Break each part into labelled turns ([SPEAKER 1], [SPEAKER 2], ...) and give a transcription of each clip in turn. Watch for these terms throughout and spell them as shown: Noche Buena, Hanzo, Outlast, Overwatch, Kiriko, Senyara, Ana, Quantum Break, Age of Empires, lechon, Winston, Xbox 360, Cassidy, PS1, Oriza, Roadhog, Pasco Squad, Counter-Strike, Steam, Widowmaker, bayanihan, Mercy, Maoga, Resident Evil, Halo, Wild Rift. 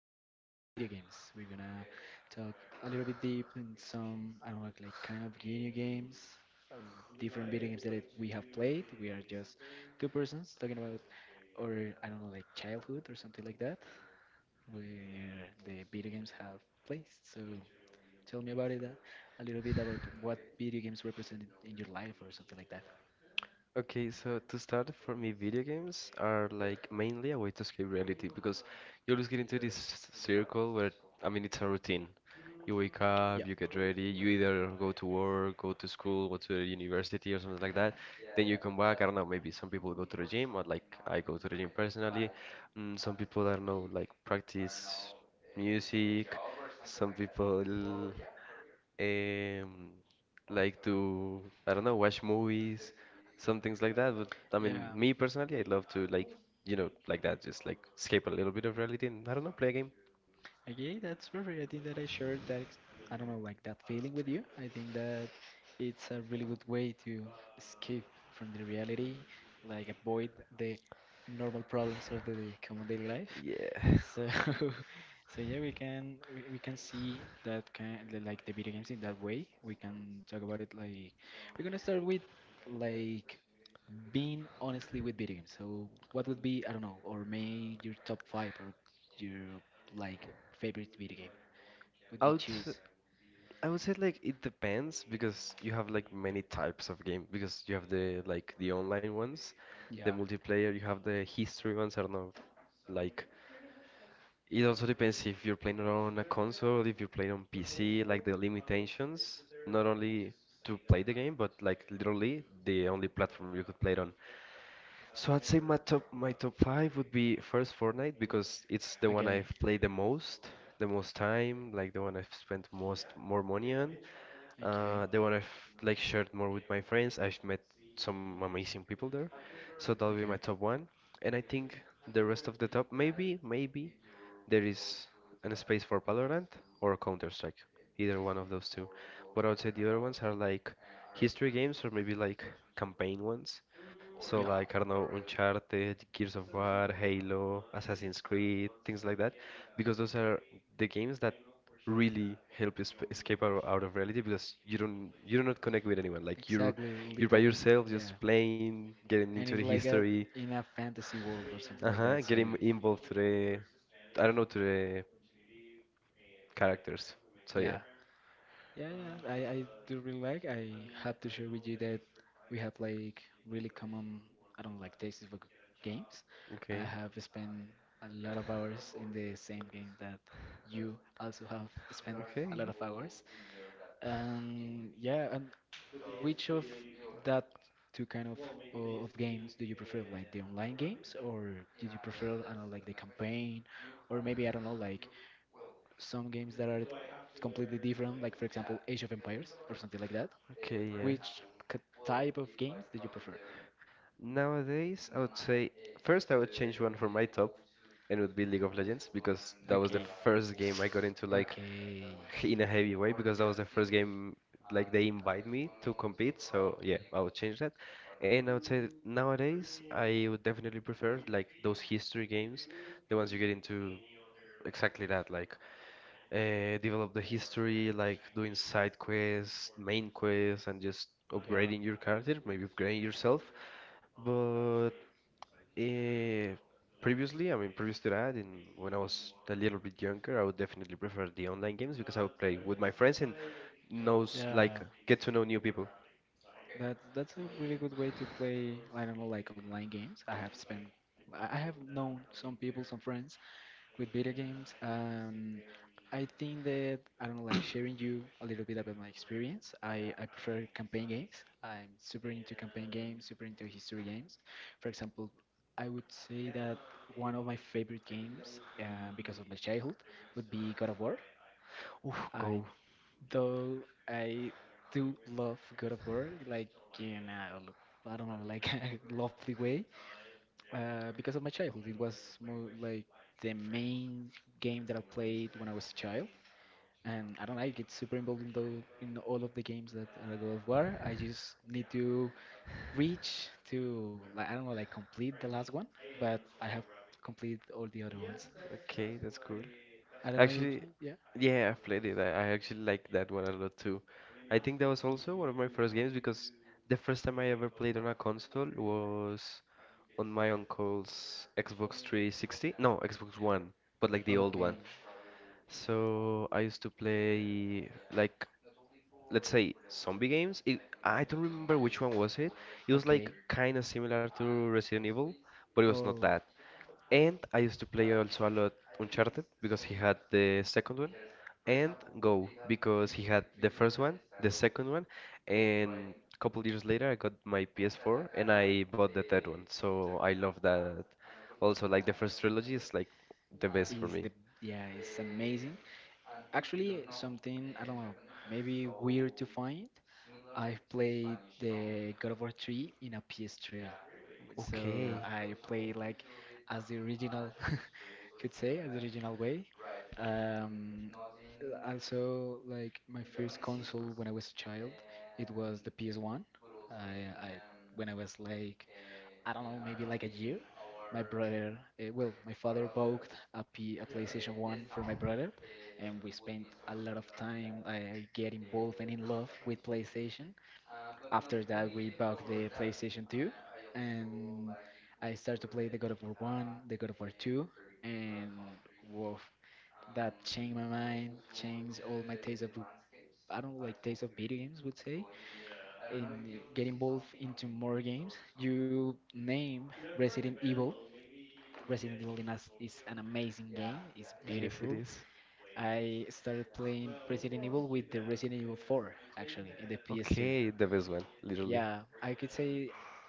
[SPEAKER 1] bit about video games. We're gonna talk a little bit deep in some, I don't know, like kind of video games, um, different video games we have played. We are just two persons talking about, or I don't know, like childhood or something like that, where the video games have placed. So, tell me about it, a little bit about what video games represent in your life or something like that.
[SPEAKER 2] Okay, so to start, for me, video games are like mainly a way to escape reality because you always get into this circle where, I mean, it's a routine. You wake up,
[SPEAKER 1] Yeah.
[SPEAKER 2] you get ready, you either go to work, go to school, go to the university or something like that. Then you come back, I don't know, maybe some people go to the gym, or like I go to the gym personally. Some people, I don't know, like practice music. Some people um, like to, I don't know, watch movies, some things like that. But I mean,
[SPEAKER 1] Yeah.
[SPEAKER 2] me personally, I love to like that, just like escape a little bit of reality and I don't know, play a game.
[SPEAKER 1] Okay, that's perfect. I think that I shared I don't know, like that feeling with you. I think that it's a really good way to escape from the reality, like avoid the normal problems of the common daily life.
[SPEAKER 2] Yeah.
[SPEAKER 1] So, so yeah, we can see that like the video games in that way. We can talk about it like we're gonna start with like being honestly with video games. So what would be, I don't know, or maybe your top five or your like favorite video game? Would
[SPEAKER 2] I
[SPEAKER 1] you
[SPEAKER 2] would, s-
[SPEAKER 1] choose?
[SPEAKER 2] I would say like it depends because you have like many types of game because you have the like the online ones, the
[SPEAKER 1] Yeah.
[SPEAKER 2] multiplayer, you have the history ones, I don't know, like it also depends if you're playing on a console, if you're playing on PC, like the limitations, not only to play the game, but like literally the only platform you could play it on. So I'd say my top five would be first Fortnite because it's the one
[SPEAKER 1] Okay.
[SPEAKER 2] I've played the most time, like the one I've spent most more money on,
[SPEAKER 1] Okay. Okay.
[SPEAKER 2] the one I've like shared more with my friends. I've met some amazing people there. So that'll be my top one. And I think the rest of the top, maybe there is an space for Valorant or Counter-Strike. Either one of those two. But I would say the other ones are like history games or maybe like campaign ones. So
[SPEAKER 1] Yeah.
[SPEAKER 2] like I don't know, Uncharted, Gears of War, Halo, Assassin's Creed, things like that, because those are the games that really help you escape out of reality because you do not connect with anyone. Like you're
[SPEAKER 1] Exactly.
[SPEAKER 2] you're by
[SPEAKER 1] Literally.
[SPEAKER 2] yourself,
[SPEAKER 1] Yeah.
[SPEAKER 2] just playing, getting
[SPEAKER 1] And it's
[SPEAKER 2] into the
[SPEAKER 1] like a
[SPEAKER 2] history,
[SPEAKER 1] in a fantasy world or something like that.
[SPEAKER 2] uh-huh,
[SPEAKER 1] So
[SPEAKER 2] getting involved to the I don't know to the characters. So yeah,
[SPEAKER 1] yeah. Yeah, yeah, yeah. I do really like. I have to share with you that we have like really common, I don't like tastes for games. I
[SPEAKER 2] okay.
[SPEAKER 1] have spent a lot of hours in the same game that you also have spent a
[SPEAKER 2] Okay.
[SPEAKER 1] lot of hours. And yeah, and which of that two kind of of games do you prefer? Like the online games, or did you prefer, I don't know, like the campaign, or maybe I don't know, like some games that are completely different, like for example Age of Empires or something like that.
[SPEAKER 2] Okay, yeah.
[SPEAKER 1] Which k- type of games do you prefer?
[SPEAKER 2] Nowadays, I would say first I would change one for my top, and it would be League of Legends because that was the
[SPEAKER 1] Okay,
[SPEAKER 2] first game I got into like
[SPEAKER 1] okay,
[SPEAKER 2] in a heavy way because that was the first game like they invite me to compete. So yeah, I would change that. And I would say that nowadays I would definitely prefer like those history games, the ones you get into exactly that, like develop the history, like doing side quests, main quests, and just
[SPEAKER 1] yeah.
[SPEAKER 2] upgrading your character, maybe upgrading yourself. But uh, previously, I mean, previous to that, in when I was a little bit younger, I would definitely prefer the online games because I would play with my friends and knows like
[SPEAKER 1] Yeah.
[SPEAKER 2] get to know new people.
[SPEAKER 1] That that's a really good way to play. I don't know, like online games. I have spent, I have known some people, some friends with video games. I think that I don't know, like sharing you a little bit about my experience. I prefer campaign games. I'm super into campaign games, super into history games. For example, I would say that one of my favorite games, because of my childhood, would be God of War.
[SPEAKER 2] Oof,
[SPEAKER 1] I
[SPEAKER 2] go.
[SPEAKER 1] though I do love God of War, like in a, I don't know, like a lovely way because of my childhood. It was more like the main game that I played when I was a child, and I don't know, I get super involved in the in all of the games that are God of War. I just need to reach to like I don't know, like complete the last one, but I have complete all the other ones.
[SPEAKER 2] Okay, that's cool.
[SPEAKER 1] I don't know if
[SPEAKER 2] Actually,
[SPEAKER 1] yeah.
[SPEAKER 2] yeah, I've played it. I actually like that one a lot too. I think that was also one of my first games because the first time I ever played on a console was on my uncle's Xbox 360. No, Xbox One, but like the old
[SPEAKER 1] Okay.
[SPEAKER 2] one. So I used to play like let's say zombie games. It, I don't remember which one was it. It was like
[SPEAKER 1] Okay.
[SPEAKER 2] kind of similar to Resident Evil, but it was not
[SPEAKER 1] Oh.
[SPEAKER 2] that. And I used to play also a lot Uncharted because he had the second one, and Go because he had the first one, the second one, and a couple years later I got my PS4 and I bought the third one. So I love that. Also, like the first trilogy is like the best for
[SPEAKER 1] is
[SPEAKER 2] me.
[SPEAKER 1] the yeah, it's amazing. Actually something I don't know, maybe weird to find, I've played the God of War 3 in a PS3. So
[SPEAKER 2] Okay.
[SPEAKER 1] I played like as the original could say as the original way. Um, also like my first console when I was a child, it was the PS1. I when I was like I don't know, maybe like a year. My brother, my father bought a PlayStation 1 for my brother, and we spent a lot of time. I get involved and in love with PlayStation. After that, we bought the PlayStation 2, and I started to play the God of War 1, the God of War 2, and WoW that changed my mind, changed all my taste of, I don't like taste of video games, would say, and get involved into more games. You name Resident Evil. Resident Evil in us is an amazing game. It's
[SPEAKER 2] Yes, it
[SPEAKER 1] beautiful.
[SPEAKER 2] is.
[SPEAKER 1] I started playing Resident Evil with the Resident Evil 4, actually, in the PS2.
[SPEAKER 2] Okay, the best one, literally.
[SPEAKER 1] Yeah, I could say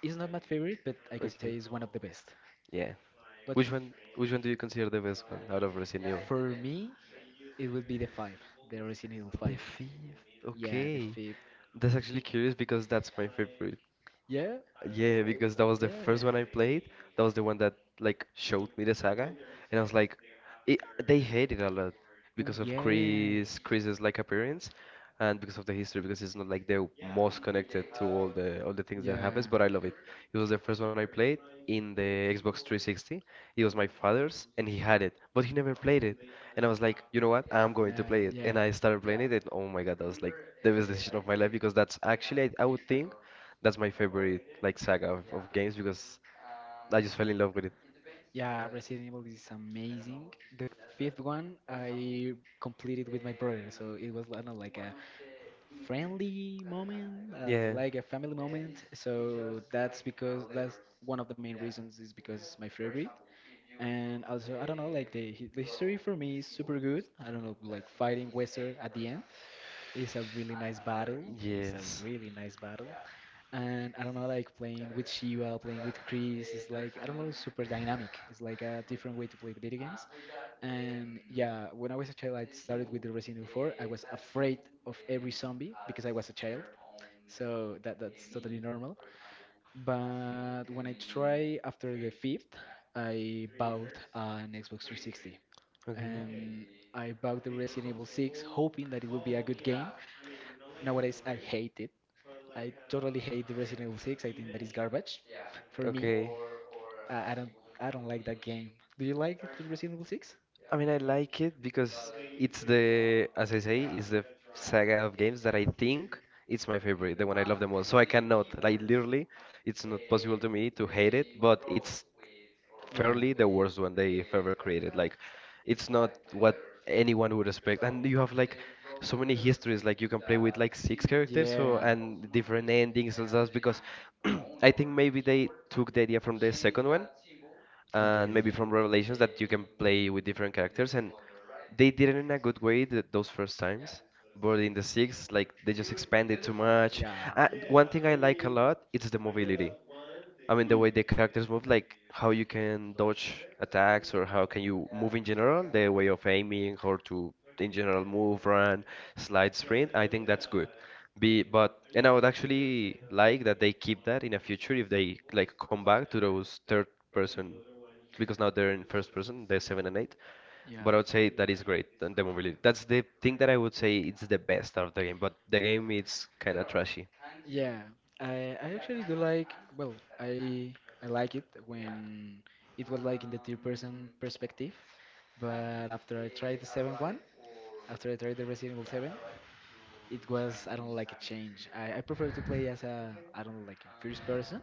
[SPEAKER 1] it's not my favorite, but I could say
[SPEAKER 2] Okay.
[SPEAKER 1] it's one of the best.
[SPEAKER 2] Yeah.
[SPEAKER 1] What you-
[SPEAKER 2] Which one? Which one do you consider the best one out of Resident Evil?
[SPEAKER 1] for me? It would be the five, the Resident Evil
[SPEAKER 2] The
[SPEAKER 1] five.
[SPEAKER 2] fifth.
[SPEAKER 1] Yeah, the
[SPEAKER 2] Okay.
[SPEAKER 1] fifth.
[SPEAKER 2] That's actually
[SPEAKER 1] Be-
[SPEAKER 2] curious because that's my favorite.
[SPEAKER 1] yeah,
[SPEAKER 2] Yeah,
[SPEAKER 1] eh,
[SPEAKER 2] because that was the
[SPEAKER 1] yeah.
[SPEAKER 2] first one I played. That was the one that like showed me the saga, and I was like, it, they hate it a lot
[SPEAKER 1] Oh
[SPEAKER 2] because of
[SPEAKER 1] yeah,
[SPEAKER 2] Chris's like appearance, and because of the history, because it's not like the most connected to all the things that happens.
[SPEAKER 1] yeah.
[SPEAKER 2] But I love it. It was the first one I played in the Xbox 360. It was my father's, and he had it, but he never played it. And I was like, you know what? I'm going to
[SPEAKER 1] Nah,
[SPEAKER 2] play it. And
[SPEAKER 1] yeah.
[SPEAKER 2] I started playing it, and oh my God, that was like the best decision of my life because that's actually, I would think, that's my favorite like saga of games because I just fell in love with it.
[SPEAKER 1] Yeah, Resident Evil is amazing. The fifth one I completed with my brother, so it was kind of like a friendly moment,
[SPEAKER 2] Yeah.
[SPEAKER 1] like a family moment. So that's because that's one of the main reasons is because it's my favorite. And also, I don't know, like the the history for me is super good. I don't know, like fighting Western at the end. It's a really nice battle. It's a
[SPEAKER 2] Yes.
[SPEAKER 1] really nice battle. And I don't know, like playing with Shiva, playing with Chris, it's like, I don't know, super dynamic. It's like a different way to play the video games. And yeah, when I was a child, I started with the Resident Evil 4. I was afraid of every zombie because I was a child. So that that's totally normal. But when I try after the fifth, I bought an Xbox 360
[SPEAKER 2] Okay.
[SPEAKER 1] and I bought the Resident Evil 6 hoping that it would be a good game. Nowadays, I hate it. I totally hate the Resident Evil 6. I think that is garbage for me.
[SPEAKER 2] Okay.
[SPEAKER 1] I don't I don't like that game. Do you like the Resident Evil 6?
[SPEAKER 2] I mean, I like it because it's the, as I say, it's the saga of games that I think it's my favorite, the one I love the most. So I cannot, like, literally, it's not possible to me to hate it, but it's
[SPEAKER 1] Yeah.
[SPEAKER 2] fairly the worst one they've ever created. Like, it's not what anyone would expect. And you have, like, so many histories, like, you can play with, like, six characters,
[SPEAKER 1] Yeah.
[SPEAKER 2] so, and different endings and stuff, because I think maybe they took the idea from the second one and
[SPEAKER 1] Okay,
[SPEAKER 2] maybe
[SPEAKER 1] yeah.
[SPEAKER 2] from Revelations that you can play with different characters. And they did it in a good way th those first times. But in the sixth, like they just expanded too much.
[SPEAKER 1] Yeah.
[SPEAKER 2] One thing I like a lot, it's the mobility. I mean, the way the characters move, like how you can dodge attacks or how can you move in general, the way of aiming, how to in general move, run, slide, sprint. I think that's good. Be but and I would actually like that they keep that in the future if they like come back to those third person because now they're in first person, they're seven and eight.
[SPEAKER 1] Yeah. Yeah.
[SPEAKER 2] But I would say that is great, and the mobility. That's the thing that I would say it's the best out of the game. But the game is kind of trashy.
[SPEAKER 1] Yeah, I actually do like well, I like it when it was like in the third person perspective, but after I tried the 7 one, after I tried the Resident Evil seven, it was I don't like a change. I prefer to play as a I don't like in first person,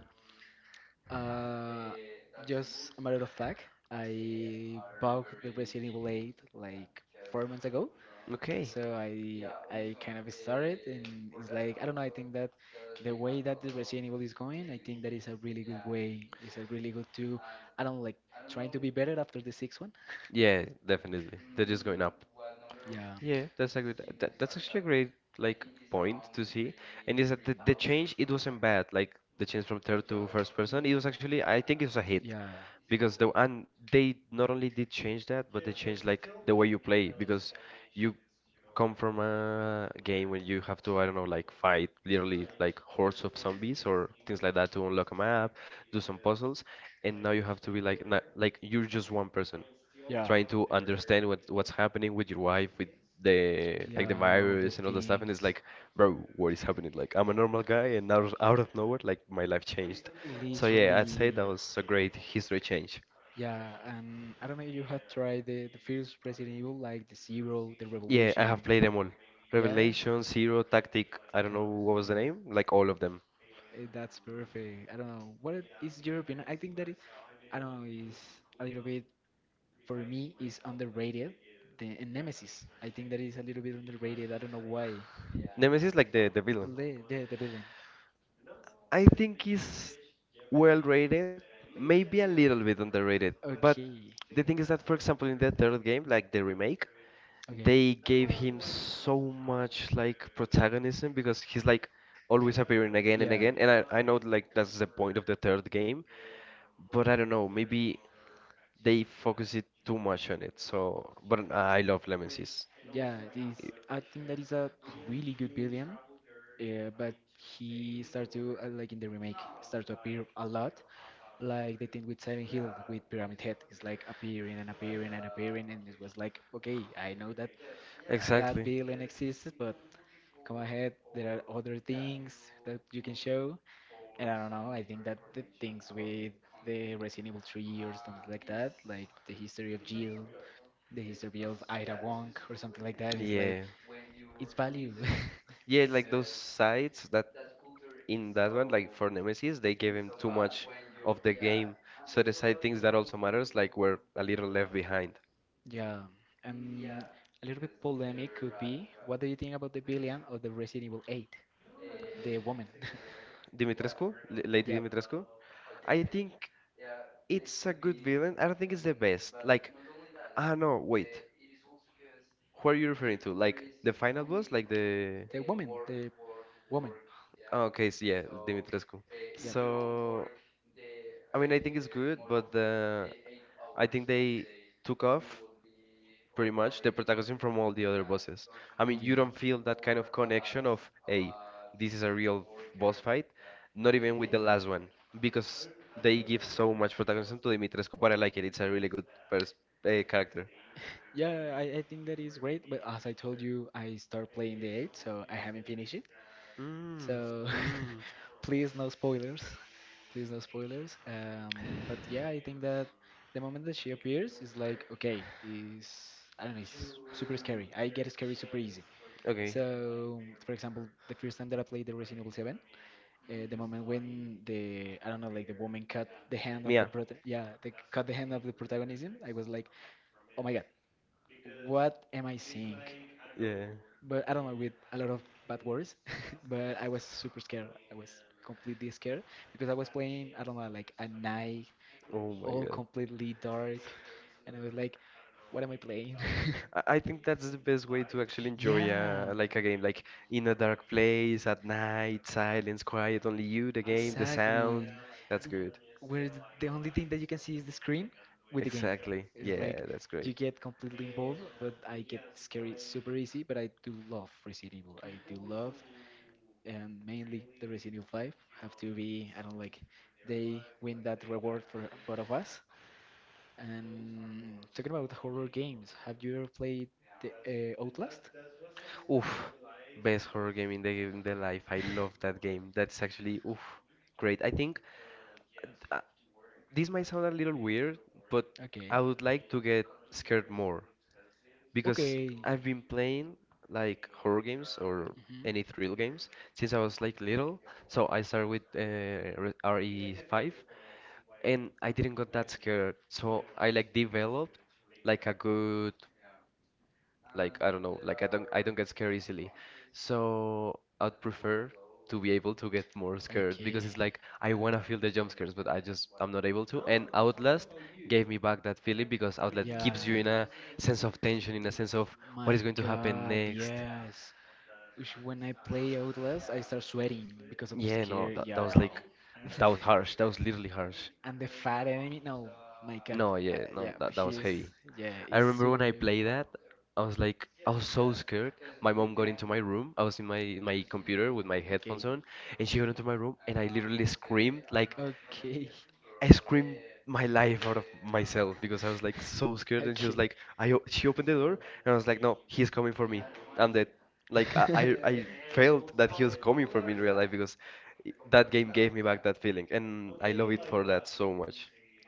[SPEAKER 1] uh, just a matter of fact, I bought the Brazilian blade like 4 months ago.
[SPEAKER 2] Okay.
[SPEAKER 1] So I kind of started and it's like I don't know, I think that the way that the Resident Evil is going, I think that is a really good way. It's a really good to I don't like trying to be better after the sixth one.
[SPEAKER 2] Yeah, definitely. They're just going up.
[SPEAKER 1] Yeah,
[SPEAKER 2] Yeah, that's a good. That's actually a great like point to see. And is that the change? It wasn't bad. Like the change from third to first person. It was actually I think it was a hit
[SPEAKER 1] yeah,
[SPEAKER 2] because the and they not only did change that, but they changed like the way you play because you come from a game where you have to, I don't know, like fight literally like hordes of zombies or things like that to unlock a map, do some puzzles, and now you have to be like na like you're just one person
[SPEAKER 1] yeah,
[SPEAKER 2] trying to understand what what's happening with your wife, with the like the
[SPEAKER 1] yeah, all the
[SPEAKER 2] virus and all the stuff, and it's
[SPEAKER 1] things.
[SPEAKER 2] like, bro, what is happening? Like I'm a normal guy, and now out of nowhere, like my life changed. So yeah, I'd say
[SPEAKER 1] Literally,
[SPEAKER 2] that was a great history change.
[SPEAKER 1] yeah. And I don't know if you have tried the first Resident Evil, like the Zero, the
[SPEAKER 2] Yeah, I
[SPEAKER 1] Revolution.
[SPEAKER 2] have played them all.
[SPEAKER 1] Yeah,
[SPEAKER 2] Revelation, Zero, Tactic, I don't
[SPEAKER 1] Tactical,
[SPEAKER 2] know what was the name,
[SPEAKER 1] yeah.
[SPEAKER 2] like all of them.
[SPEAKER 1] That's perfect. I don't know. Is your opinion? I think that it, I don't know, is a little bit, for me, is underrated. The and Nemesis. I think that is a little bit underrated. I don't know why.
[SPEAKER 2] Nemesis, like the villain.
[SPEAKER 1] Yeah, the villain.
[SPEAKER 2] I think he's well rated, maybe a little bit underrated. But
[SPEAKER 1] Okay.
[SPEAKER 2] the thing is that, for example, in the third game, like the remake, they
[SPEAKER 1] Okay.
[SPEAKER 2] gave him so much like protagonism because he's like always appearing again and
[SPEAKER 1] Yeah.
[SPEAKER 2] again. And I know like that's the point of the third game, but I don't know, maybe they focus it too much on it. So, but I love Nemesis.
[SPEAKER 1] Yeah, this I think that is a really good villain, but he started to, like in the remake, start to appear a lot. Like they did with Silent Hill, with Pyramid Head, it's like appearing and appearing and appearing, and it was like, okay, I know that that
[SPEAKER 2] Exactly.
[SPEAKER 1] villain exists, but come ahead, there are other things that you can show. And I don't know, I think that the things with the Resident Evil 3 or something like that, like the history of Jill the history of Ida Wong or something like that is like
[SPEAKER 2] Yeah.
[SPEAKER 1] its value.
[SPEAKER 2] Yeah, like those sides that in that one, like for Nemesis, they gave him too much of the game. So the side things that also matters, like were a little left behind.
[SPEAKER 1] Yeah, and a little bit polemic could be, what do you think about the villain of the Resident Evil 8? The woman.
[SPEAKER 2] Dimitrescu, Lady
[SPEAKER 1] Yeah.
[SPEAKER 2] Dimitrescu, I think it's a good villain. I don't think it's the best. Like, ah no, wait. Who are you referring to? Like the final boss, like the
[SPEAKER 1] The woman.
[SPEAKER 2] ah, okay, so yeah, Dimitrescu.
[SPEAKER 1] Yeah. Okay.
[SPEAKER 2] So, I mean, I think it's good, but the I think they took off pretty much the protagonism from all the other bosses. I mean, you don't feel that kind of connection of, hey, this is a real boss fight, not even with the last one, because they give so much protagonism to Dimitrescu, but I like it. It's a really good pers character.
[SPEAKER 1] Yeah, I think that is great. But as I told you, I start playing the 8, so I haven't finished it.
[SPEAKER 2] Mm,
[SPEAKER 1] So
[SPEAKER 2] mm.
[SPEAKER 1] please no spoilers. Please no spoilers. But yeah, I think that the moment that she appears is like okay, is I don't know, it's super scary. I get scary super easy.
[SPEAKER 2] Okay,
[SPEAKER 1] So for example, the first time that I played the Resident Evil 7, the moment when the I don't know, like the woman cut the hand of the
[SPEAKER 2] Mia.
[SPEAKER 1] yeah, they cut the hand of the protagonism, I was like, oh my god, what am I seeing?
[SPEAKER 2] Yeah.
[SPEAKER 1] But I don't know with a lot of bad words, but I was super scared. I was completely scared because I was playing, I don't know, like at night,
[SPEAKER 2] Oh my
[SPEAKER 1] all
[SPEAKER 2] God.
[SPEAKER 1] completely dark, and I was like, what am I playing?
[SPEAKER 2] I think that's the best way to actually enjoy
[SPEAKER 1] Yeah,
[SPEAKER 2] like a game, like in a dark place at night, silence, quiet, only you, the game, the
[SPEAKER 1] exactly.
[SPEAKER 2] sound. That's good.
[SPEAKER 1] Where the only thing that you can see is the screen with the game.
[SPEAKER 2] Exactly.
[SPEAKER 1] It's like
[SPEAKER 2] Yeah, that's
[SPEAKER 1] you
[SPEAKER 2] great.
[SPEAKER 1] get completely involved, but I get scary super easy. But I do love Resident Evil. I do love and mainly the Resident Evil 5 have to be. I don't like they win that reward for both of us. And talking about horror games, have you ever played the Outlast?
[SPEAKER 2] Oof, best horror game in the life. I love that game. That's actually oof, great. I think uh, this might sound a little weird, but
[SPEAKER 1] Okay.
[SPEAKER 2] I would like to get scared more. Because
[SPEAKER 1] Okay.
[SPEAKER 2] I've been playing like horror games or
[SPEAKER 1] Mhm.
[SPEAKER 2] any thrill games since I was like little. So I started with RE5 and I didn't got that scared. So I like developed like a good like I don't know, like I don't get scared easily. So I'd prefer to be able to get more scared because it's
[SPEAKER 1] Okay.
[SPEAKER 2] like I want to feel the jump scares, but I just I'm not able to. And Outlast gave me back that feeling because Outlast
[SPEAKER 1] Yeah.
[SPEAKER 2] keeps you in a sense of tension, in a sense of what is
[SPEAKER 1] My
[SPEAKER 2] going to happen
[SPEAKER 1] God,
[SPEAKER 2] next.
[SPEAKER 1] yes. Ush, when I play Outlast, I start sweating because of the
[SPEAKER 2] Yeah, no,
[SPEAKER 1] scare.
[SPEAKER 2] that
[SPEAKER 1] Yeah,
[SPEAKER 2] was
[SPEAKER 1] no.
[SPEAKER 2] like that was harsh. That was literally harsh.
[SPEAKER 1] and the fat enemy, no. My God.
[SPEAKER 2] No,
[SPEAKER 1] Uh,
[SPEAKER 2] yeah,
[SPEAKER 1] yeah,
[SPEAKER 2] no, that was
[SPEAKER 1] he's
[SPEAKER 2] heavy.
[SPEAKER 1] yeah,
[SPEAKER 2] I
[SPEAKER 1] he's
[SPEAKER 2] remember
[SPEAKER 1] super
[SPEAKER 2] when I
[SPEAKER 1] heavy.
[SPEAKER 2] played that, I was like, I was so scared. My mom got into my room. I was in my computer with my
[SPEAKER 1] Okay.
[SPEAKER 2] headphones on, and she got into my room, and I literally screamed like
[SPEAKER 1] Okay.
[SPEAKER 2] I screamed my life out of myself because I was like so scared. And she
[SPEAKER 1] Okay.
[SPEAKER 2] was like, she opened the door, and I was like, no, he's coming for me. I'm dead. Like I felt that he was coming for me in real life because that game gave me back that feeling, and I love it for that so much.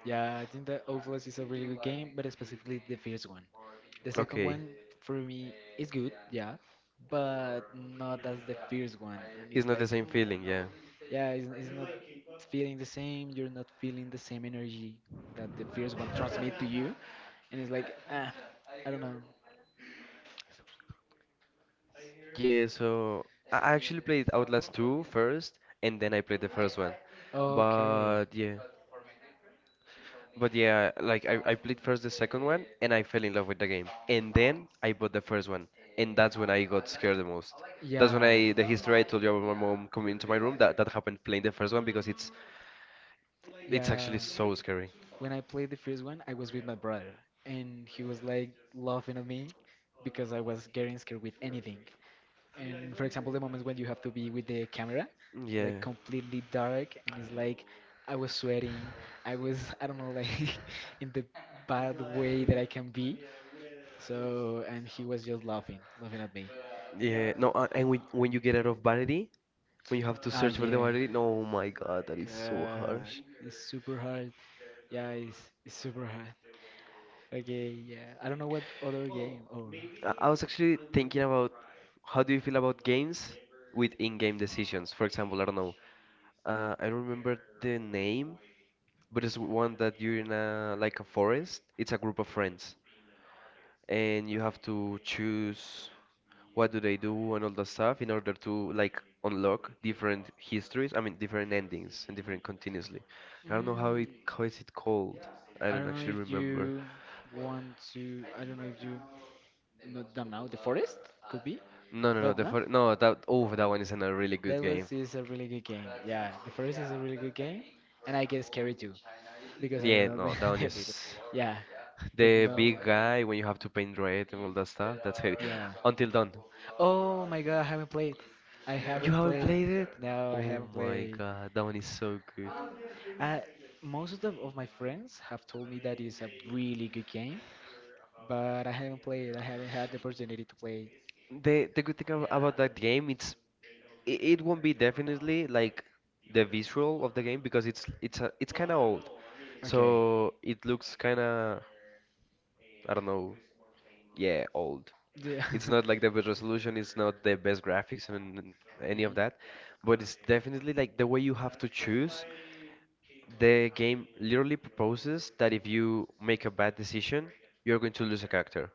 [SPEAKER 1] Yeah, I think that Outlast is a really good game, but specifically the first one. The second
[SPEAKER 2] Okay.
[SPEAKER 1] one for me is good, yeah, but not as the first one. And
[SPEAKER 2] It's
[SPEAKER 1] it's
[SPEAKER 2] not the
[SPEAKER 1] like,
[SPEAKER 2] same feeling, yeah.
[SPEAKER 1] yeah, it's not feeling the same. You're not feeling the same energy that the first one transmit to you. And it's like, I don't know.
[SPEAKER 2] Yeah, so I actually played Outlast two first, and then I played the first one.
[SPEAKER 1] Okay.
[SPEAKER 2] But yeah, like I played first the second one, and I fell in love with the game. And then I bought the first one, and that's when I got scared the most.
[SPEAKER 1] Yeah.
[SPEAKER 2] The history I told you about my mom coming into my room, that happened playing the first one because it's actually
[SPEAKER 1] Yeah,
[SPEAKER 2] so scary.
[SPEAKER 1] when I played the first one, I was with my brother, and he was like laughing at me because I was getting scared with anything. And for example, the moments when you have to be with the camera, like
[SPEAKER 2] Yeah.
[SPEAKER 1] completely dark, and it's like I was sweating, I don't know, like in the bad way that I can be. So, and he was just laughing, laughing at me.
[SPEAKER 2] Yeah, no, and when you get out of vanity, when you have to search for the
[SPEAKER 1] Yeah.
[SPEAKER 2] vanity, no, oh my God, that is so
[SPEAKER 1] God,
[SPEAKER 2] harsh.
[SPEAKER 1] it's super hard. Yeah, it's super hard. Okay, yeah. I don't know what other game or.
[SPEAKER 2] I was actually thinking about how do you feel about games with in-game decisions? For example, I don't know. I don't remember the name, but it's one that you're in a like a forest. It's a group of friends, and you have to choose what do they do and all that stuff in order to like unlock different histories, I mean, different endings and different continuously. I don't know how it
[SPEAKER 1] Mm,
[SPEAKER 2] how is it called. I
[SPEAKER 1] I
[SPEAKER 2] don't
[SPEAKER 1] don't know
[SPEAKER 2] actually
[SPEAKER 1] if
[SPEAKER 2] remember.
[SPEAKER 1] you want to. I don't know if you. Not don't know. The forest could be,
[SPEAKER 2] No, no, no,
[SPEAKER 1] but
[SPEAKER 2] the
[SPEAKER 1] no.
[SPEAKER 2] first, no, that, oh, that one is a really good
[SPEAKER 1] That
[SPEAKER 2] game.
[SPEAKER 1] was is a really good game. Yeah, the first is a really good game, and I get scared too because I
[SPEAKER 2] Yeah,
[SPEAKER 1] don't know the,
[SPEAKER 2] no, that one
[SPEAKER 1] the people.
[SPEAKER 2] is
[SPEAKER 1] Yeah, but
[SPEAKER 2] the
[SPEAKER 1] no.
[SPEAKER 2] big guy when you have to paint red and all that stuff. That's heavy.
[SPEAKER 1] Yeah.
[SPEAKER 2] Until dawn.
[SPEAKER 1] Oh my god, I haven't played. I
[SPEAKER 2] You
[SPEAKER 1] haven't
[SPEAKER 2] haven't
[SPEAKER 1] played.
[SPEAKER 2] played it?
[SPEAKER 1] No, I
[SPEAKER 2] Oh
[SPEAKER 1] haven't
[SPEAKER 2] my
[SPEAKER 1] played.
[SPEAKER 2] god, that one is so good.
[SPEAKER 1] I, most of the, of my friends have told me that it's a really good game, but I haven't played. I haven't had the opportunity to play.
[SPEAKER 2] The good thing about that game, it's it won't be definitely like the visual of the game because it's kind of old.
[SPEAKER 1] Okay.
[SPEAKER 2] So it looks kind of I don't know, yeah, old.
[SPEAKER 1] Yeah.
[SPEAKER 2] It's not like the best resolution, it's not the best graphics and any of
[SPEAKER 1] Mhm.
[SPEAKER 2] that, but it's definitely like the way you have to choose. The game literally proposes that if you make a bad decision, you're going to lose a character.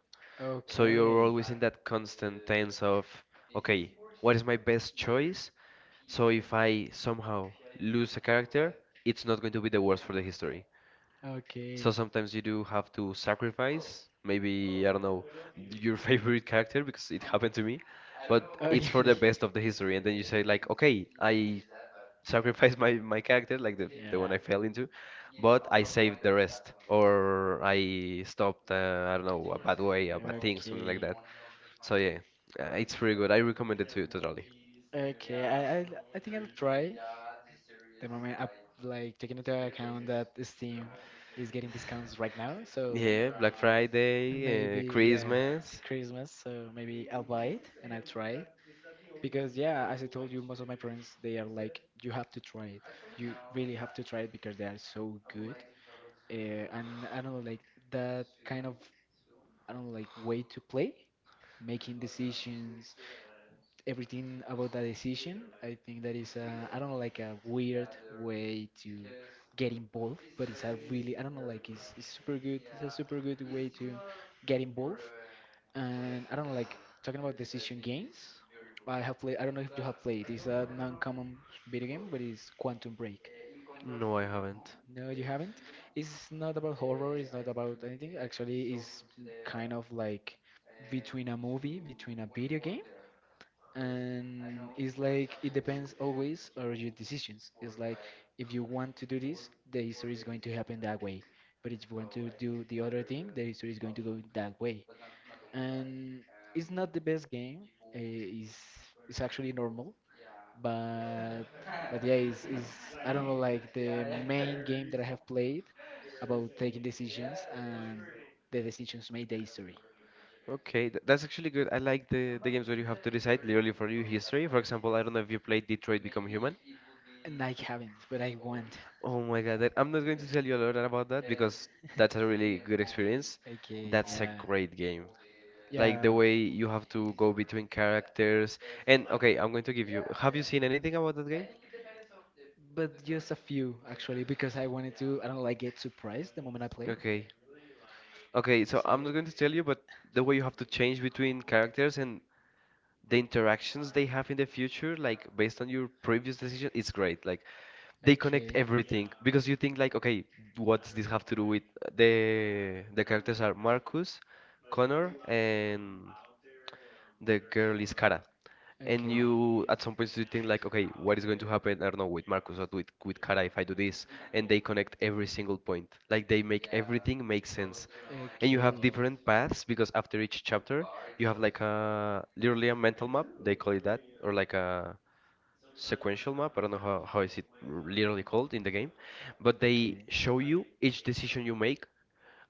[SPEAKER 2] So you're
[SPEAKER 1] Okay.
[SPEAKER 2] always in that constant tense of, okay, what is my best choice? So if I somehow lose a character, it's not going to be the worst for the history.
[SPEAKER 1] Okay.
[SPEAKER 2] So sometimes you do have to sacrifice, maybe, I don't know, your favorite character because it happened to me, but it's
[SPEAKER 1] Okay.
[SPEAKER 2] for the best of the history. And then you say, like, okay, I sacrificed my character, like the one I fell into, but I saved the rest. Or I stopped, I don't know, a bad way, a
[SPEAKER 1] Yeah.
[SPEAKER 2] bad thing, something like
[SPEAKER 1] Okay.
[SPEAKER 2] that. So yeah, it's pretty good. I recommend it to totally.
[SPEAKER 1] Okay, I I think I'll try. The moment I like taking into account that Steam is getting discounts right now, so
[SPEAKER 2] Yeah, Black Friday,
[SPEAKER 1] maybe yeah,
[SPEAKER 2] Christmas.
[SPEAKER 1] Christmas. So maybe I'll buy it and I'll try it because yeah, as I told you, most of my friends they are like, you have to try it. You really have to try it because they are so good. And I don't know, like that kind of I don't know, like way to play, making decisions, everything about that decision. I think that is a, I don't know, like a weird way to get involved, but it's a really, I don't know, like it's super good. It's a super good way to get involved. And I don't know, like talking about decision games, I have played, I don't know if you have played, it's a non-common video game, but it's Quantum Break.
[SPEAKER 2] No, I haven't.
[SPEAKER 1] No, you haven't. It's not about horror, it's not about anything. Actually, it's kind of like between a movie, between a video game and it's like it depends always on your decisions. It's like if you want to do this, the history is going to happen that way. But if you want to do the other thing, the history is going to go that way. And it's not the best game. Uh, it's it's actually normal, but but yeah, it's I don't know like the main game that I have played about taking decisions and the decisions made the history.
[SPEAKER 2] Okay, th that's actually good. I like the games where you have to decide literally for your history. For example, I don't know if you played Detroit Become Human.
[SPEAKER 1] And I haven't, but I want.
[SPEAKER 2] Oh my God, I'm not going to tell you a lot about that because that's a really good experience.
[SPEAKER 1] Okay,
[SPEAKER 2] That's a
[SPEAKER 1] yeah.
[SPEAKER 2] great game. Like
[SPEAKER 1] Yeah.
[SPEAKER 2] the way you have to go between characters. And okay, I'm going to give you. Have you seen anything about that game?
[SPEAKER 1] But just a few, actually, because I wanted to, I don't like get surprised the moment I play.
[SPEAKER 2] Okay. Okay, so
[SPEAKER 1] So,
[SPEAKER 2] I'm not going to tell you, but the way you have to change between characters and the interactions they have in the future, like based on your previous decision, it's great. Like they connect
[SPEAKER 1] okay.
[SPEAKER 2] everything because you think like, okay, what does this have to do with the characters are Marcus, Connor, and the girl is Kara. And
[SPEAKER 1] Okay.
[SPEAKER 2] you at some point you think like, okay, what is going to happen? I don't know with Marcus or with Kara if I do this and they connect every single point. Like they make everything make sense. And you have
[SPEAKER 1] Okay.
[SPEAKER 2] different paths because after each chapter, you have like a literally a mental map, they call it that, or like a sequential map. I don't know how is it literally called in the game, but they show you each decision you make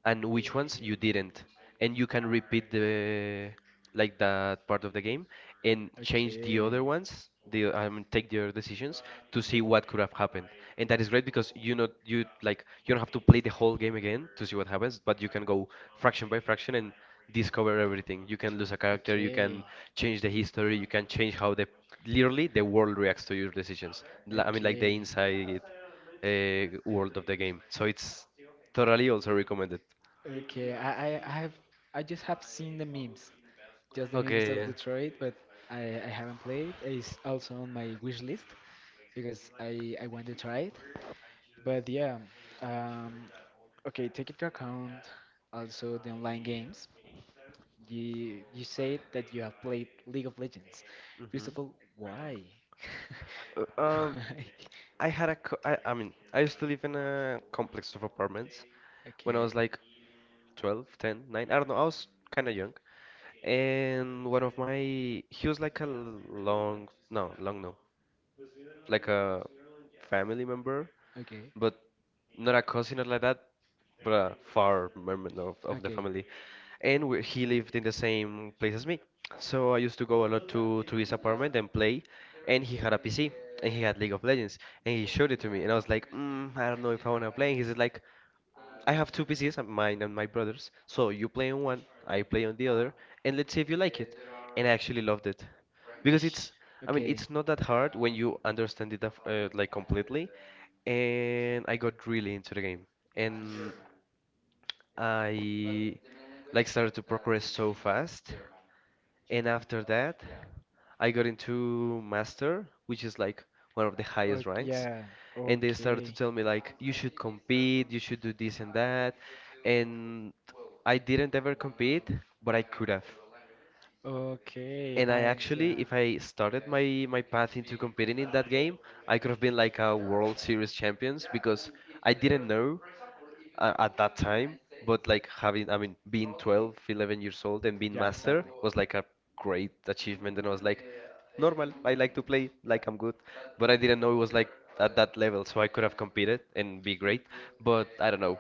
[SPEAKER 2] and which ones you didn't. And you can repeat the like that part of the game
[SPEAKER 1] Okay.
[SPEAKER 2] and change the
[SPEAKER 1] Okay.
[SPEAKER 2] other ones, the take the other decisions to see what could have happened. And that is great because you know you like you don't have to play the whole game again to see what happens, but you can go fraction by fraction and discover everything. You can lose a character, you
[SPEAKER 1] Okay.
[SPEAKER 2] can change the history, you can change how the literally the world reacts to your decisions. I mean like the
[SPEAKER 1] Okay.
[SPEAKER 2] inside world of the game. So it's totally also recommended.
[SPEAKER 1] Okay, I I have I just have seen the memes, just the memes
[SPEAKER 2] Okay,
[SPEAKER 1] of
[SPEAKER 2] yeah.
[SPEAKER 1] Detroit, but I haven't played. It's also on my wish list because I want to try it. But yeah, um, okay, take into account also the online games. You said that you have played League of Legends. First
[SPEAKER 2] Hmm.
[SPEAKER 1] of all, why?
[SPEAKER 2] Um,
[SPEAKER 1] Why?
[SPEAKER 2] I had a co I mean, I used to live in a complex of apartments when I
[SPEAKER 1] Okay,
[SPEAKER 2] was like 12, 10, 9. I don't know. I was kind of young. And he was like a long, no, long no, like a family member,
[SPEAKER 1] okay,
[SPEAKER 2] but not a cousin or like that. But a far member of the
[SPEAKER 1] okay.
[SPEAKER 2] family. And he lived in the same place as me. So I used to go a lot to his apartment and play. And he had a PC and he had League of Legends. And he showed it to me. And I was like, I don't know if I want to play. And he's like, I have two PCs, mine and my brother's. So you play on one, I play on the other, and let's see if you like it. And I actually loved it because
[SPEAKER 1] Ish,
[SPEAKER 2] I mean,
[SPEAKER 1] Okay.
[SPEAKER 2] it's not that hard when you understand it like completely. And I got really into the game. And I like started to progress so fast, and after that, I got into master, which is like one of the highest
[SPEAKER 1] Okay.
[SPEAKER 2] ranks,
[SPEAKER 1] Yeah.
[SPEAKER 2] and they started to
[SPEAKER 1] Okay.
[SPEAKER 2] tell me like you should compete, you should do this and that, and I didn't ever compete, but I could have.
[SPEAKER 1] Okay.
[SPEAKER 2] And I
[SPEAKER 1] I. Yeah.
[SPEAKER 2] actually, if I started my path into competing in that game, I could have been like a World Series champions because I didn't know at that time, but like having, I mean, being 12, 11 years old and being
[SPEAKER 1] Yeah.
[SPEAKER 2] master
[SPEAKER 1] Exactly.
[SPEAKER 2] was like a great achievement. And I was like, normal, I like to play, like I'm good. But I didn't know it was like at that level, so I could have competed and be great but I don't know.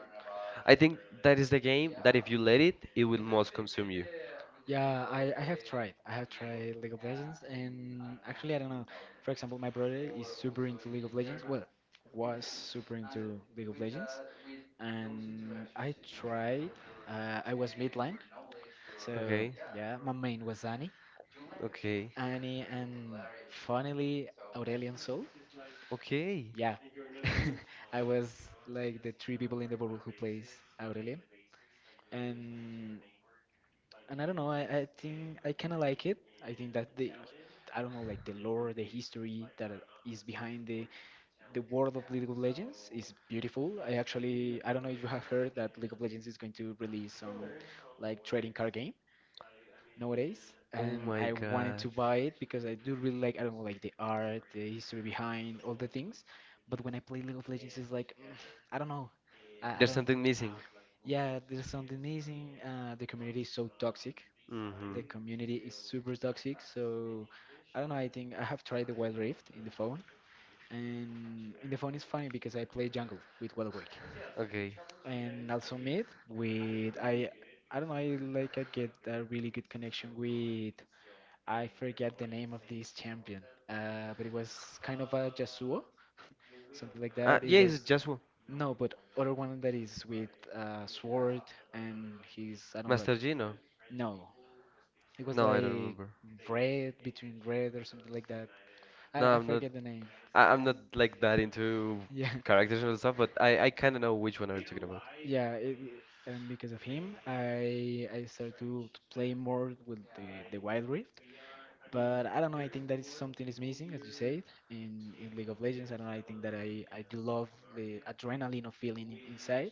[SPEAKER 2] I think that is the game that if you let it, it will most consume you.
[SPEAKER 1] Yeah, I have tried. I have tried League of Legends, and actually, I don't know. For example, my brother is super into League of Legends. Well, was super into League of Legends, and I tried. I was midline, so
[SPEAKER 2] Okay.
[SPEAKER 1] yeah, my main was Zany.
[SPEAKER 2] Okay.
[SPEAKER 1] Annie and finally Aurelian Sol.
[SPEAKER 2] Okay.
[SPEAKER 1] Yeah. I was like the three people in the world who plays Aurelian and and I don't know. I think I kind of like it. I think that the I don't know, like the lore, the history that is behind the world of League of Legends is beautiful. I actually I don't know if you have heard that League of Legends is going to release some like trading card game nowadays,
[SPEAKER 2] Oh
[SPEAKER 1] and
[SPEAKER 2] my
[SPEAKER 1] I wanted
[SPEAKER 2] god.
[SPEAKER 1] to buy it because I do really like I don't know, like the art, the history behind all the things. But when I play League of Legends, it's like I don't know. I
[SPEAKER 2] There's
[SPEAKER 1] don't.
[SPEAKER 2] something missing.
[SPEAKER 1] Yeah, there's something missing. The community is so toxic. The
[SPEAKER 2] Mm-hmm.
[SPEAKER 1] community is super toxic. So I don't know. I think I have tried the Wild Rift in the phone, and in the phone it's funny because I play jungle with Wild Wake,
[SPEAKER 2] Okay.
[SPEAKER 1] and also mid with I. I don't know. I like I get a really good connection with I forget the name of this champion, but it was kind of a Yasuo, something like that.
[SPEAKER 2] Yeah,
[SPEAKER 1] It
[SPEAKER 2] it's
[SPEAKER 1] was
[SPEAKER 2] just
[SPEAKER 1] no, but other one that is with sword and he's I don't
[SPEAKER 2] Master
[SPEAKER 1] like
[SPEAKER 2] Gino.
[SPEAKER 1] no, it was
[SPEAKER 2] No, I don't
[SPEAKER 1] like
[SPEAKER 2] remember.
[SPEAKER 1] red between red or something like that.
[SPEAKER 2] No,
[SPEAKER 1] I
[SPEAKER 2] I'm not.
[SPEAKER 1] forget the name.
[SPEAKER 2] I'm
[SPEAKER 1] I,
[SPEAKER 2] not like that into
[SPEAKER 1] yeah,
[SPEAKER 2] characters and stuff, but I kind of know which one are you talking about.
[SPEAKER 1] yeah, it, and because of him, I started to play more with the Wild Rift. But I don't know. I think that is something is missing, as you said, in League of Legends. I don't know. I think that I do love the adrenaline of feeling in- inside,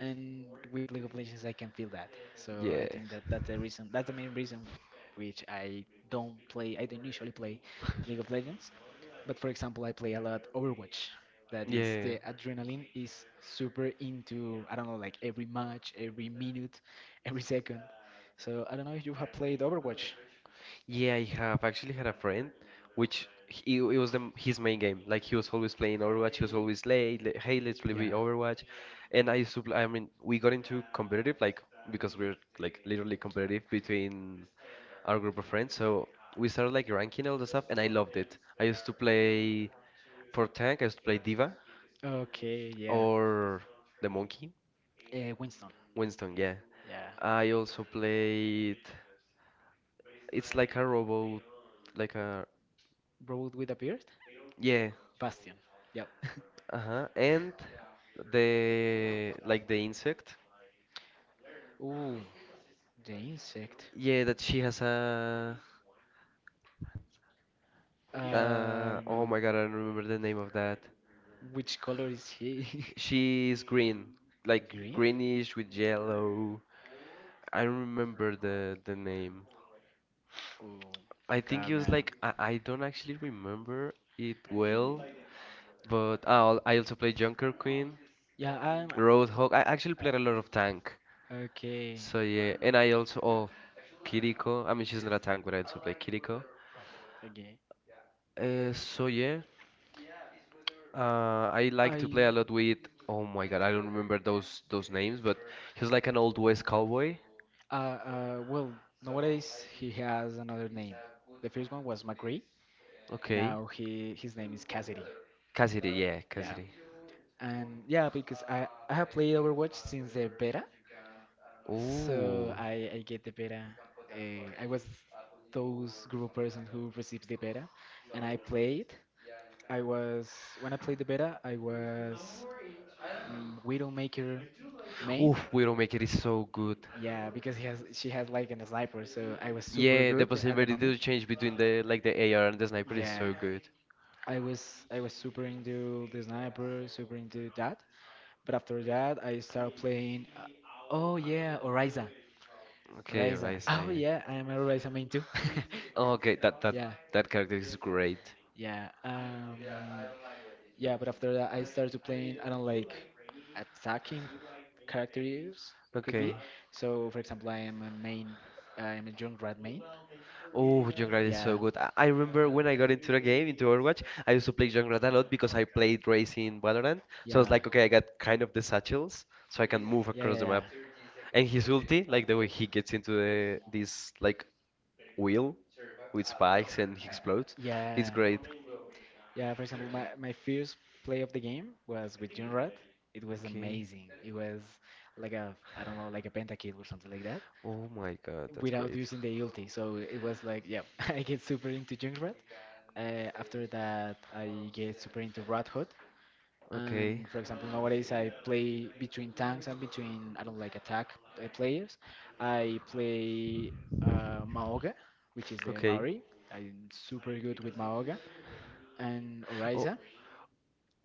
[SPEAKER 1] and with League of Legends I can feel that. So
[SPEAKER 2] Yeah.
[SPEAKER 1] I think that that's the reason. That's the main reason which I don't play. I don't usually play League of Legends, but for example, I play a lot Overwatch. That is
[SPEAKER 2] Yeah.
[SPEAKER 1] the adrenaline is super into, I don't know, like every match, every minute, every second. So I don't know if you have played Overwatch.
[SPEAKER 2] Yeah, I have actually had a friend it was his main game. Like he was always playing Overwatch, he was always late. Like, hey, let's play with
[SPEAKER 1] Yeah.
[SPEAKER 2] Overwatch. And I used to play, I mean, we got into competitive like because we are like literally competitive between our group of friends. So we started like ranking all the stuff, and I loved it. I used to play for tank. I used to play diva
[SPEAKER 1] Okay, yeah.
[SPEAKER 2] or the monkey,
[SPEAKER 1] Winston.
[SPEAKER 2] Winston. Yeah.
[SPEAKER 1] Yeah.
[SPEAKER 2] I also played. It's like a robot, like a
[SPEAKER 1] Road with a beard?
[SPEAKER 2] yeah.
[SPEAKER 1] Bastion. Yep.
[SPEAKER 2] Uh huh. And the like the insect.
[SPEAKER 1] Ooh, the insect.
[SPEAKER 2] Yeah, that she has a.
[SPEAKER 1] I don't
[SPEAKER 2] Oh
[SPEAKER 1] know.
[SPEAKER 2] my god, I don't remember the name of that.
[SPEAKER 1] Which color is he?
[SPEAKER 2] She is green, like greenish with yellow. I don't remember the name.
[SPEAKER 1] Oh,
[SPEAKER 2] I
[SPEAKER 1] you
[SPEAKER 2] think
[SPEAKER 1] got
[SPEAKER 2] it
[SPEAKER 1] me,
[SPEAKER 2] was
[SPEAKER 1] Adam.
[SPEAKER 2] like I don't actually remember it well, but oh, I also played Junker Queen,
[SPEAKER 1] Yeah, I'm
[SPEAKER 2] Roadhog. I actually played a lot of tank.
[SPEAKER 1] okay.
[SPEAKER 2] So yeah, and I also oh Kiriko. I mean, she's not a tank, but I also play Kiriko.
[SPEAKER 1] Okay.
[SPEAKER 2] So yeah, I like to
[SPEAKER 1] I
[SPEAKER 2] play a lot with. Oh my God, I don't remember those names, but he was like an old West cowboy.
[SPEAKER 1] well nowadays he has another name. The first one was McRae.
[SPEAKER 2] Okay,
[SPEAKER 1] Now he his name is Cassidy.
[SPEAKER 2] Cassidy, yeah,
[SPEAKER 1] Yeah.
[SPEAKER 2] Cassidy.
[SPEAKER 1] And yeah, because I have played Overwatch since the beta, so
[SPEAKER 2] Ooh,
[SPEAKER 1] I get the beta. I was those group of persons who received the beta, and I played. I was when I played the beta, I was Widowmaker main.
[SPEAKER 2] oof, Widowmaker is so good.
[SPEAKER 1] Yeah, because he has she has like an sniper, so I was super
[SPEAKER 2] Yeah, the
[SPEAKER 1] good at the
[SPEAKER 2] possibility
[SPEAKER 1] moment.
[SPEAKER 2] to change between the like the AR and the sniper is
[SPEAKER 1] Yeah,
[SPEAKER 2] so good.
[SPEAKER 1] I was super into the sniper, super into that, but after that, I started playing. Oh yeah, Oriza.
[SPEAKER 2] Okay, your
[SPEAKER 1] Oriza. Oh
[SPEAKER 2] Isaiah.
[SPEAKER 1] yeah, I am a Oriza main too.
[SPEAKER 2] Okay, that that
[SPEAKER 1] yeah,
[SPEAKER 2] that character is great.
[SPEAKER 1] yeah. Yeah. But after that, I started to playing. I don't like attacking characters. It could be.
[SPEAKER 2] Okay.
[SPEAKER 1] So, for example, I am a main. I am a Junkrat main.
[SPEAKER 2] Oh, Junkrat is so
[SPEAKER 1] Yeah,
[SPEAKER 2] good. I remember when I got into the game, into Overwatch, I used to play Junkrat a lot because I played Raze in Valorant. So I was
[SPEAKER 1] yeah,
[SPEAKER 2] like, okay, I got kind of the satchels, so I can move
[SPEAKER 1] yeah,
[SPEAKER 2] across
[SPEAKER 1] yeah,
[SPEAKER 2] the
[SPEAKER 1] yeah.
[SPEAKER 2] map. And his ulti, like the way he gets into the this like wheel with spikes and he explodes. It's
[SPEAKER 1] Yeah,
[SPEAKER 2] great.
[SPEAKER 1] Yeah, for example, my first play of the game was with Junrod. It was
[SPEAKER 2] Okay.
[SPEAKER 1] amazing. It was like a, I don't know, like a pentakill or something like that
[SPEAKER 2] Oh my god, that's
[SPEAKER 1] without
[SPEAKER 2] great.
[SPEAKER 1] using the ulti. So it was like, yeah, I get super into Junrod. After that, I get super into Rat Hood.
[SPEAKER 2] Okay.
[SPEAKER 1] And for example, nowadays I play between tanks and between, I don't like attack players. I play Maoga, which is the
[SPEAKER 2] Okay.
[SPEAKER 1] Maori. I'm super good with Maoga and
[SPEAKER 2] Oh,
[SPEAKER 1] Orisa.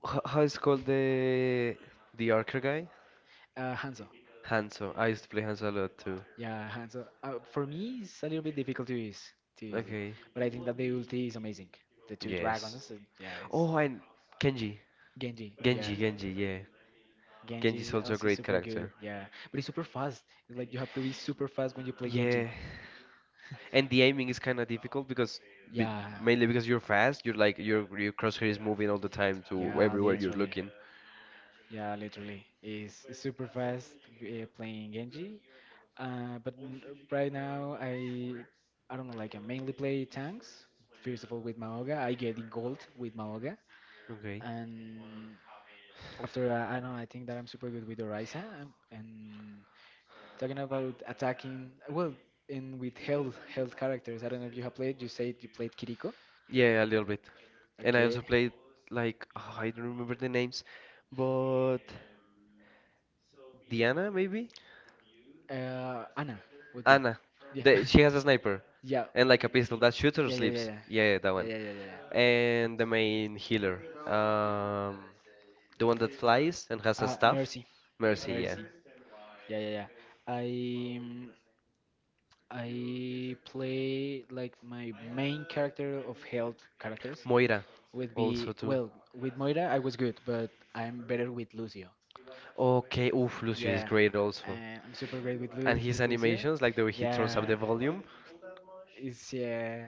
[SPEAKER 2] how is called the archer guy?
[SPEAKER 1] Hanzo.
[SPEAKER 2] Hanzo. I used to play Hanzo a lot too.
[SPEAKER 1] Yeah, Hanzo. For me, it's a little bit difficult to use it.
[SPEAKER 2] Okay.
[SPEAKER 1] But I think that the ulti is amazing. The two
[SPEAKER 2] Yes.
[SPEAKER 1] dragons, yeah, it's
[SPEAKER 2] Oh, and Kenji.
[SPEAKER 1] Genji. Yeah,
[SPEAKER 2] Genji, yeah.
[SPEAKER 1] Genji
[SPEAKER 2] Genji's
[SPEAKER 1] is
[SPEAKER 2] also a
[SPEAKER 1] also
[SPEAKER 2] great
[SPEAKER 1] super good.
[SPEAKER 2] character.
[SPEAKER 1] Yeah, but it's super fast. It's like you have to be super fast when you play Genji.
[SPEAKER 2] Yeah. And the aiming is kind of difficult be, mainly because you're fast, you're like your crosshair is moving all the time
[SPEAKER 1] Yeah.
[SPEAKER 2] to
[SPEAKER 1] Yeah,
[SPEAKER 2] everywhere you're
[SPEAKER 1] literally.
[SPEAKER 2] looking.
[SPEAKER 1] Yeah, literally. It's super fast playing Genji. Uh, but n- right now, I don't know. Like I mainly play tanks. First of all, with Maoga, I get in gold with Maoga,
[SPEAKER 2] Okay.
[SPEAKER 1] and after I don't know. I think that I'm super good with Orisa, and talking about attacking. Well, in with health health characters. I don't know if you have played. You said you played Kiriko.
[SPEAKER 2] Yeah, a little bit. And I also
[SPEAKER 1] Okay.
[SPEAKER 2] played like oh, I don't remember the names, but Diana maybe?
[SPEAKER 1] Anna would be.
[SPEAKER 2] Anna.
[SPEAKER 1] Yeah.
[SPEAKER 2] She has a sniper
[SPEAKER 1] yeah.
[SPEAKER 2] and like a pistol that shoots or
[SPEAKER 1] Yeah, yeah, yeah, yeah.
[SPEAKER 2] sleeps. Yeah, yeah, that
[SPEAKER 1] Yeah,
[SPEAKER 2] one.
[SPEAKER 1] yeah, yeah, yeah. yeah.
[SPEAKER 2] And the main healer. Um, the one that flies and has a staff.
[SPEAKER 1] Mercy.
[SPEAKER 2] Mercy, yeah.
[SPEAKER 1] Mercy. Yeah, yeah, yeah. I um, I play like my main character of health characters
[SPEAKER 2] Moira,
[SPEAKER 1] would be
[SPEAKER 2] also too.
[SPEAKER 1] well with Moira I was good, but I'm better with Lucio.
[SPEAKER 2] Okay, oof, Lucio is
[SPEAKER 1] Yeah,
[SPEAKER 2] great also.
[SPEAKER 1] and I'm super great with
[SPEAKER 2] And
[SPEAKER 1] Lu
[SPEAKER 2] his
[SPEAKER 1] with Lucio.
[SPEAKER 2] animations, like the way he turns up
[SPEAKER 1] Yeah,
[SPEAKER 2] the volume.
[SPEAKER 1] it's yeah,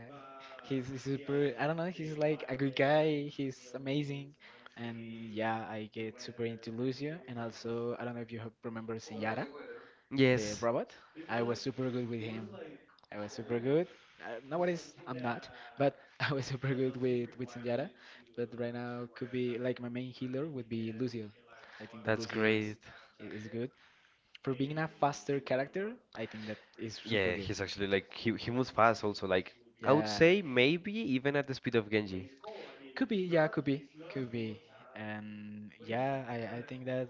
[SPEAKER 1] he's super. I don't know. He's like a good guy. He's amazing, and yeah, I get super into Lucio. And also, I don't know if you have- remember Senyara, the
[SPEAKER 2] Yes,
[SPEAKER 1] robot. I was super good with him. I was super good nowadays I'm not, but I was super good with Senjata. But right now could be like my main healer would be Lucio. I think that
[SPEAKER 2] that's
[SPEAKER 1] Lucio
[SPEAKER 2] great.
[SPEAKER 1] is I- is good for being a faster character. I think that is super
[SPEAKER 2] Yeah,
[SPEAKER 1] good.
[SPEAKER 2] he's actually like he moves fast also. Like I would
[SPEAKER 1] Yeah,
[SPEAKER 2] say maybe even at the speed of Genji.
[SPEAKER 1] yeah, could be, could be. And yeah, I think that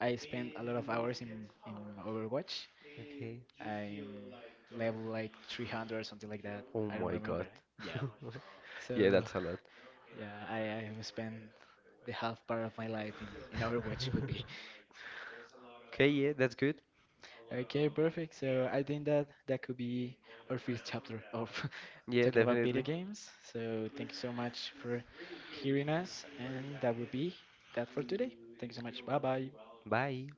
[SPEAKER 1] I spent a lot of hours in Overwatch.
[SPEAKER 2] Okay.
[SPEAKER 1] I'm level like 300 or something like that.
[SPEAKER 2] Oh
[SPEAKER 1] I don't
[SPEAKER 2] my god.
[SPEAKER 1] remember. Yeah. So
[SPEAKER 2] Yeah, that's a lot.
[SPEAKER 1] yeah, I have spent the half part of my life in Overwatch could be.
[SPEAKER 2] Okay, yeah, that's good.
[SPEAKER 1] Okay, perfect. So I think that that could be our first chapter of
[SPEAKER 2] Yeah,
[SPEAKER 1] talking about video
[SPEAKER 2] definitely.
[SPEAKER 1] games. So thank you so much for hearing us, and that would be that for today. Thank you so much. Bye bye.
[SPEAKER 2] Bye.